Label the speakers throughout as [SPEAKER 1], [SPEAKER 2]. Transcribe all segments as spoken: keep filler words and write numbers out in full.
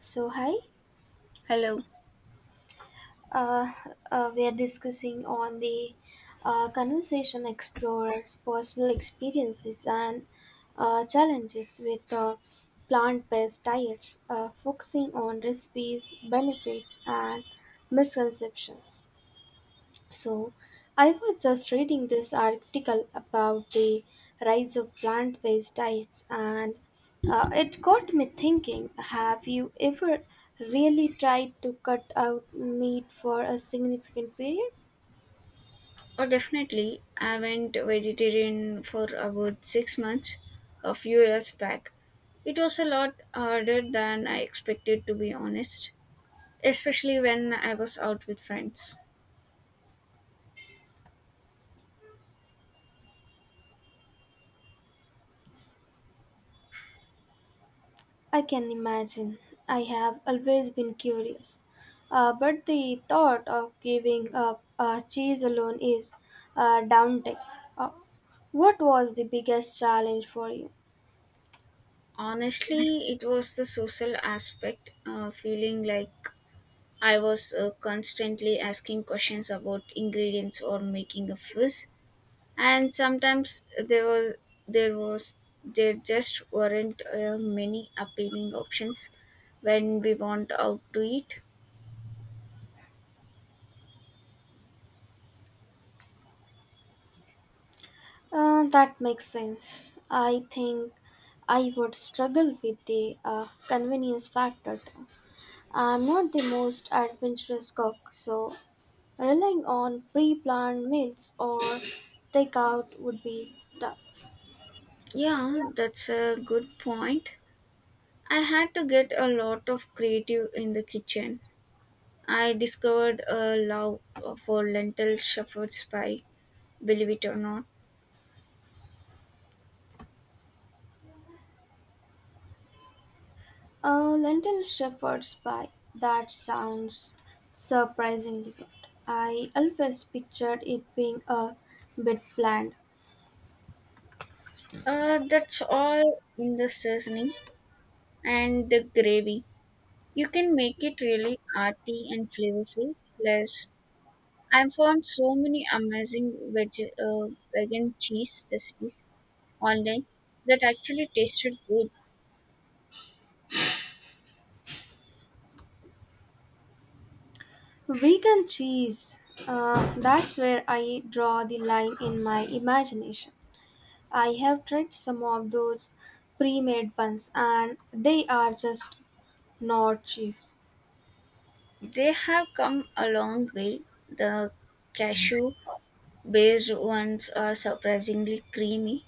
[SPEAKER 1] So hi,
[SPEAKER 2] Hello.
[SPEAKER 1] uh, uh, we are discussing on the uh, conversation explorers' personal experiences and uh, challenges with uh, plant-based diets, uh, focusing on recipes, benefits, and misconceptions. So, I was just reading this article about the rise of plant based diets, and uh, it got me thinking, have you ever really tried to cut out meat for a significant period?
[SPEAKER 2] Oh, definitely. I went vegetarian for about six months a few years back. It was a lot harder than I expected, to be honest, especially when I was out with friends.
[SPEAKER 1] I can imagine. I have always been curious. Uh, but the thought of giving up uh, cheese alone is uh, daunting. Uh, what was the biggest challenge for you?
[SPEAKER 2] Honestly, it was the social aspect, uh, feeling like I was uh, constantly asking questions about ingredients or making a fuss. And sometimes there was there was there just weren't uh, many appealing options when we went out to eat.
[SPEAKER 1] Uh, that makes sense. I think I would struggle with the uh, convenience factor, too. I'm not the most adventurous cook, so relying on pre planned meals or takeout would be tough.
[SPEAKER 2] Yeah, that's a good point. I had to get a lot of creative in the kitchen. I discovered a love for lentil shepherd's pie, believe it or not.
[SPEAKER 1] A lentil shepherd's pie, that sounds surprisingly good. I always pictured it being a bit bland.
[SPEAKER 2] Uh, that's all in the seasoning and the gravy. You can make it really arty and flavorful. Plus I've found so many amazing veg, uh, vegan cheese recipes online that actually tasted good.
[SPEAKER 1] Vegan cheese, uh, that's where I draw the line in my imagination. I have tried some of those pre made ones and they are just not cheese.
[SPEAKER 2] They have come a long way. The cashew based ones are surprisingly creamy,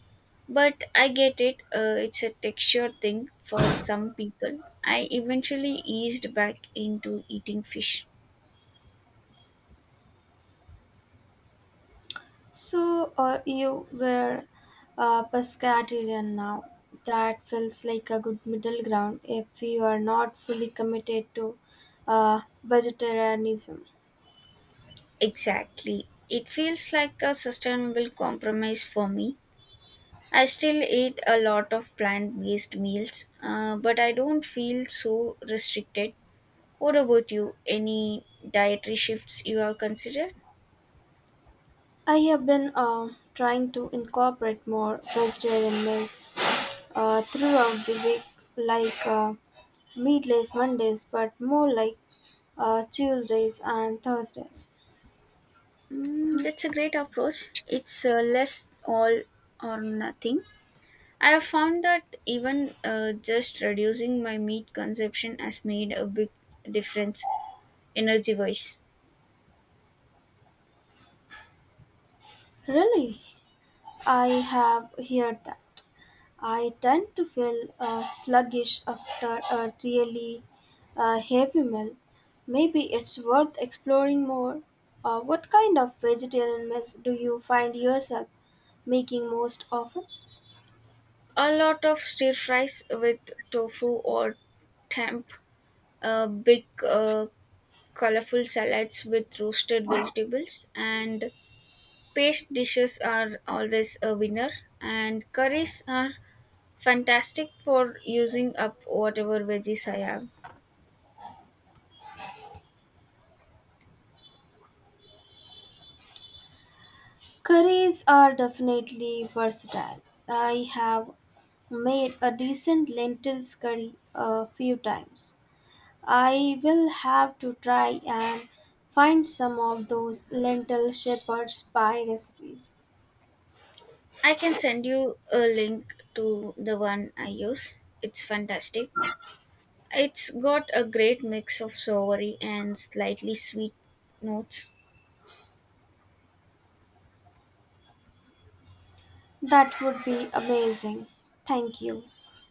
[SPEAKER 2] but I get it, uh, it's a texture thing for some people. I eventually eased back into eating fish.
[SPEAKER 1] So, uh, you were uh, pescatarian now. That feels like a good middle ground if you are not fully committed to uh, vegetarianism.
[SPEAKER 2] Exactly. It feels like a sustainable compromise for me. I still eat a lot of plant based meals, uh, but I don't feel so restricted. What about you? Any dietary shifts you have considered?
[SPEAKER 1] I have been uh, trying to incorporate more vegetarian meals uh, throughout the week, like uh, meatless Mondays, but more like uh, Tuesdays and Thursdays.
[SPEAKER 2] Mm, that's a great approach. It's uh, less all or nothing. I have found that even uh, just reducing my meat consumption has made a big difference energy wise.
[SPEAKER 1] Really, I have heard that. I tend to feel uh, sluggish after a really uh, heavy meal. Maybe it's worth exploring more. Uh, what kind of vegetarian meals do you find yourself making most often?
[SPEAKER 2] A lot of stir fries with tofu or temp, a big uh, colorful salads with roasted vegetables, and paste dishes are always a winner. And curries are fantastic for using up whatever veggies I have.
[SPEAKER 1] Curries are definitely versatile. I have made a decent lentils curry a few times. I will have to try and find some of those lentil shepherd's pie recipes.
[SPEAKER 2] I can send you a link to the one I use. It's fantastic. It's got a great mix of soury and slightly sweet notes.
[SPEAKER 1] That would be amazing. Thank you.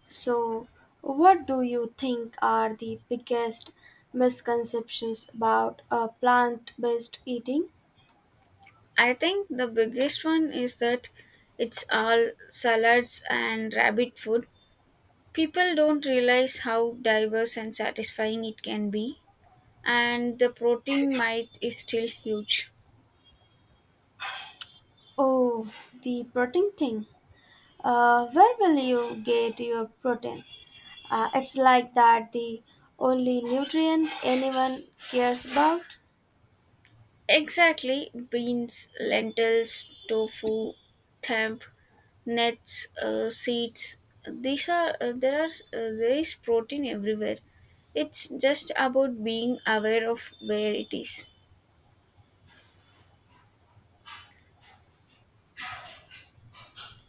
[SPEAKER 1] So, what do you think are the biggest misconceptions about a plant-based eating?
[SPEAKER 2] I think the biggest one is that it's all salads and rabbit food. People don't realize how diverse and satisfying it can be, and the protein might is still huge.
[SPEAKER 1] Oh, the protein thing. Uh, where will you get your protein? Uh, it's like that the only nutrient anyone cares about.
[SPEAKER 2] Exactly, beans, lentils, tofu, temp, nuts, uh, seeds. These are uh, there are uh, There is protein everywhere. It's just about being aware of where it is.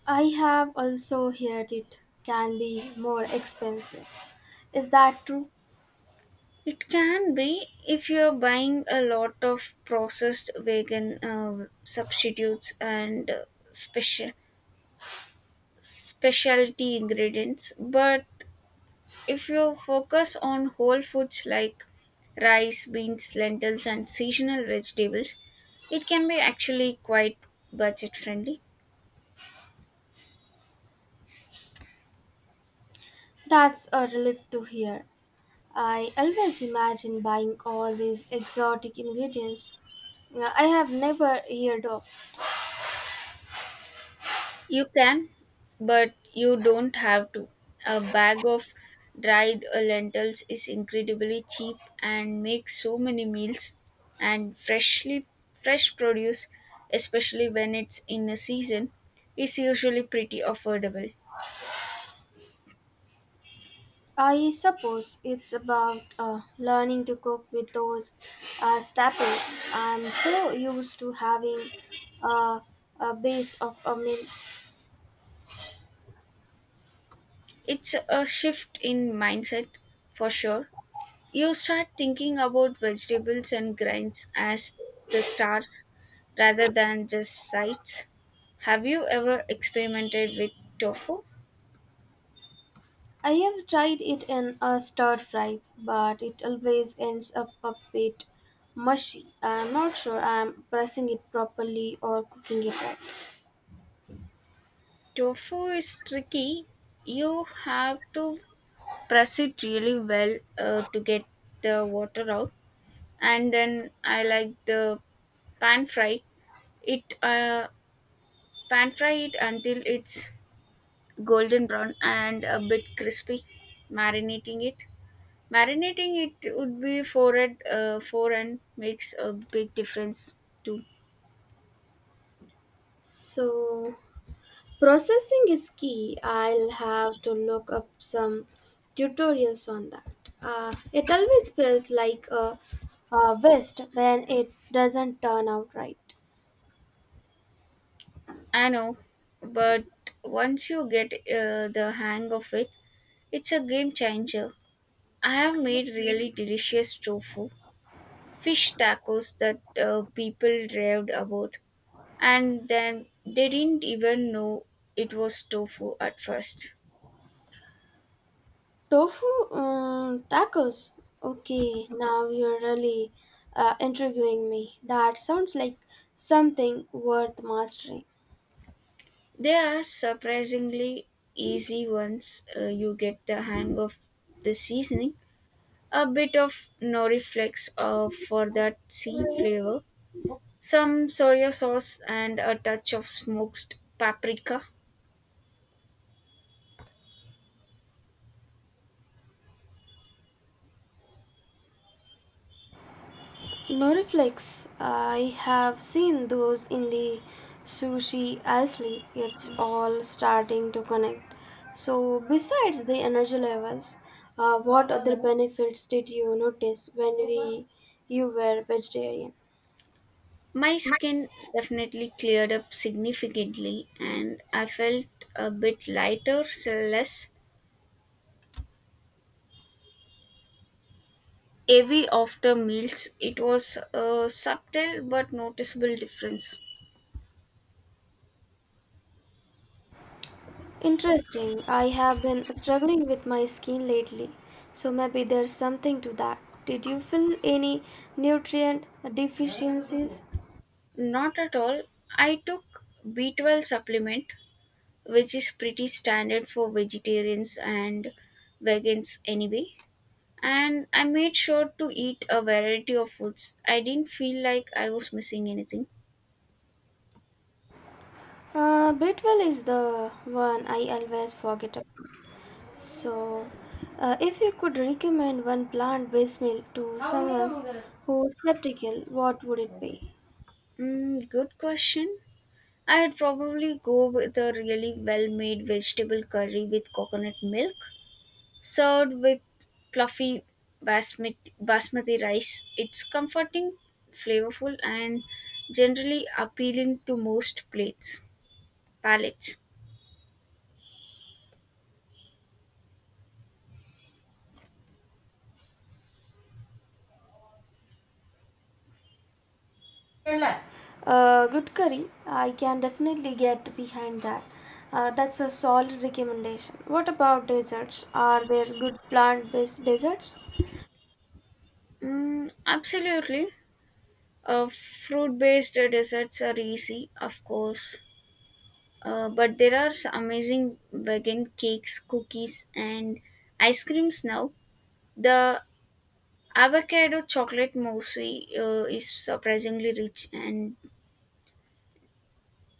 [SPEAKER 1] I have also heard it can be more expensive. Is that true?
[SPEAKER 2] It can be if you're buying a lot of processed vegan uh, substitutes and uh, special specialty ingredients. But if you focus on whole foods like rice, beans, lentils, and seasonal vegetables, it can be actually quite budget friendly.
[SPEAKER 1] That's a relief to hear. I always imagine buying all these exotic ingredients uh, I have never heard of.
[SPEAKER 2] You can, but you don't have to. A bag of dried uh, lentils is incredibly cheap and makes so many meals. And freshly fresh produce, especially when it's in a season, is usually pretty affordable.
[SPEAKER 1] I suppose it's about uh, learning to cook with those uh, staples. I'm so used to having uh, a base of a meal.
[SPEAKER 2] It's a shift in mindset for sure. You start thinking about vegetables and grains as the stars rather than just sights. Have you ever experimented with tofu?
[SPEAKER 1] I have tried it in uh, stir fries, but it always ends up a bit mushy. I'm not sure I'm pressing it properly or cooking it right.
[SPEAKER 2] Tofu is tricky. You have to press it really well uh, to get the water out. And then I like the pan fry it uh, pan fry it until it's golden brown and a bit crispy. marinating it Marinating it would be for it uh, for and makes a big difference too.
[SPEAKER 1] So, processing is key. I'll have to look up some tutorials on that. Uh, it always feels like a, a waste when it doesn't turn out right.
[SPEAKER 2] I know, but once you get uh, the hang of it, it's a game changer. I have made really delicious tofu fish tacos that uh, people raved about, and then they didn't even know it was tofu at first.
[SPEAKER 1] Tofu um, tacos. Okay, now you're really uh, intriguing me. That sounds like something worth mastering.
[SPEAKER 2] They are surprisingly easy once uh, you get the hang of the seasoning. A bit of noriflex uh, for that sea flavor, some soy sauce, and a touch of smoked paprika.
[SPEAKER 1] Noriflex, I have seen those in the sushi aisle. It's all starting to connect. So, besides the energy levels, uh, what other benefits did you notice when we you were vegetarian?
[SPEAKER 2] My skin definitely cleared up significantly, and I felt a bit lighter, so less heavy after meals. It was a subtle but noticeable difference.
[SPEAKER 1] Interesting. I have been struggling with my skin lately, so maybe there's something to that. Did you feel any nutrient deficiencies?
[SPEAKER 2] Not at all. I took B twelve supplement, which is pretty standard for vegetarians and vegans anyway. And I made sure to eat a variety of foods. I didn't feel like I was missing anything.
[SPEAKER 1] Uh, Bitwell is the one I always forget about. So, uh, if you could recommend one plant-based meal to someone who's skeptical, what would it be?
[SPEAKER 2] Mm, good question. I'd probably go with a really well made vegetable curry with coconut milk. Served with fluffy basmati, basmati rice, it's comforting, flavorful, and generally appealing to most plates palates.
[SPEAKER 1] Uh, good curry. I can definitely get behind that. Uh, that's a solid recommendation. What about desserts? Are there good plant-based desserts?
[SPEAKER 2] Mm, absolutely. Uh, fruit based desserts are easy, of course, uh, but there are some amazing vegan cakes, cookies, and ice creams now. The avocado chocolate mousse uh, is surprisingly rich and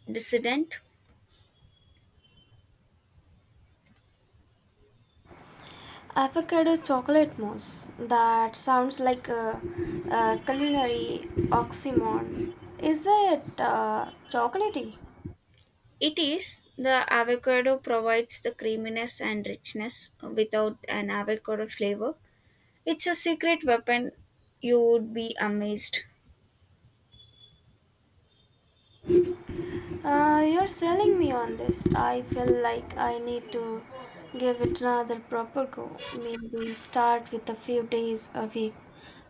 [SPEAKER 2] dissident.
[SPEAKER 1] Avocado chocolate mousse. That sounds like a, a culinary oxymoron. Is it uh, chocolatey?
[SPEAKER 2] It is. The avocado provides the creaminess and richness without an avocado flavor. It's a secret weapon. You would be amazed.
[SPEAKER 1] Uh, you're selling me on this. I feel like I need to give it another proper go. Maybe start with a few days a week,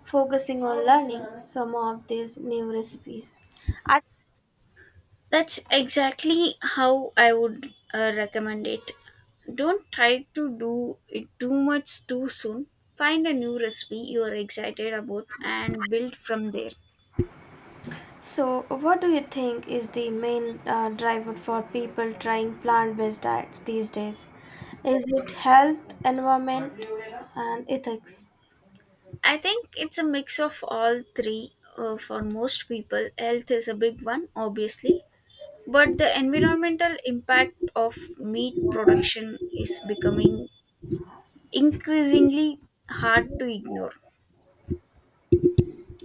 [SPEAKER 1] focusing on learning some of these new recipes. I-
[SPEAKER 2] That's exactly how I would uh, recommend it. Don't try to do it too much too soon. Find a new recipe you are excited about and build from there.
[SPEAKER 1] so, what do you think is the main uh, driver for people trying plant based diets these days? Is it health, environment, and ethics?
[SPEAKER 2] I think it's a mix of all three uh, for most people. Health is a big one, obviously, but the environmental impact of meat production is becoming increasingly hard to ignore.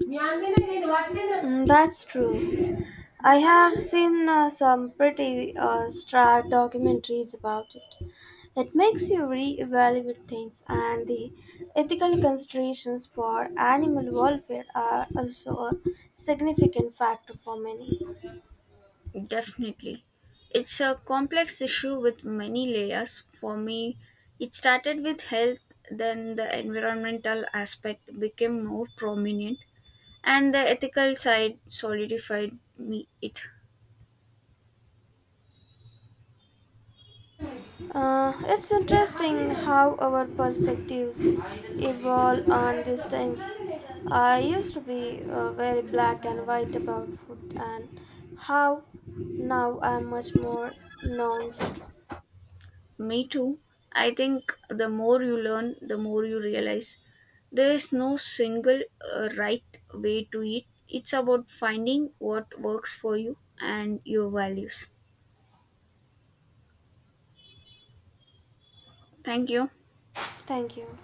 [SPEAKER 1] Mm, that's true. I have seen uh, some pretty uh, stark documentaries about it. It makes you re-evaluate things, and the ethical considerations for animal welfare are also a significant factor for many.
[SPEAKER 2] Definitely. It's a complex issue with many layers. For me, it started with health, then the environmental aspect became more prominent, and the ethical side solidified me it.
[SPEAKER 1] Uh, it's interesting how our perspectives evolve on these things. I used to be uh, very black and white about food, and how now I'm much more nuanced.
[SPEAKER 2] Me too. I think the more you learn, the more you realize there is no single uh, right way to eat. It's about finding what works for you and your values. Thank you.
[SPEAKER 1] Thank you.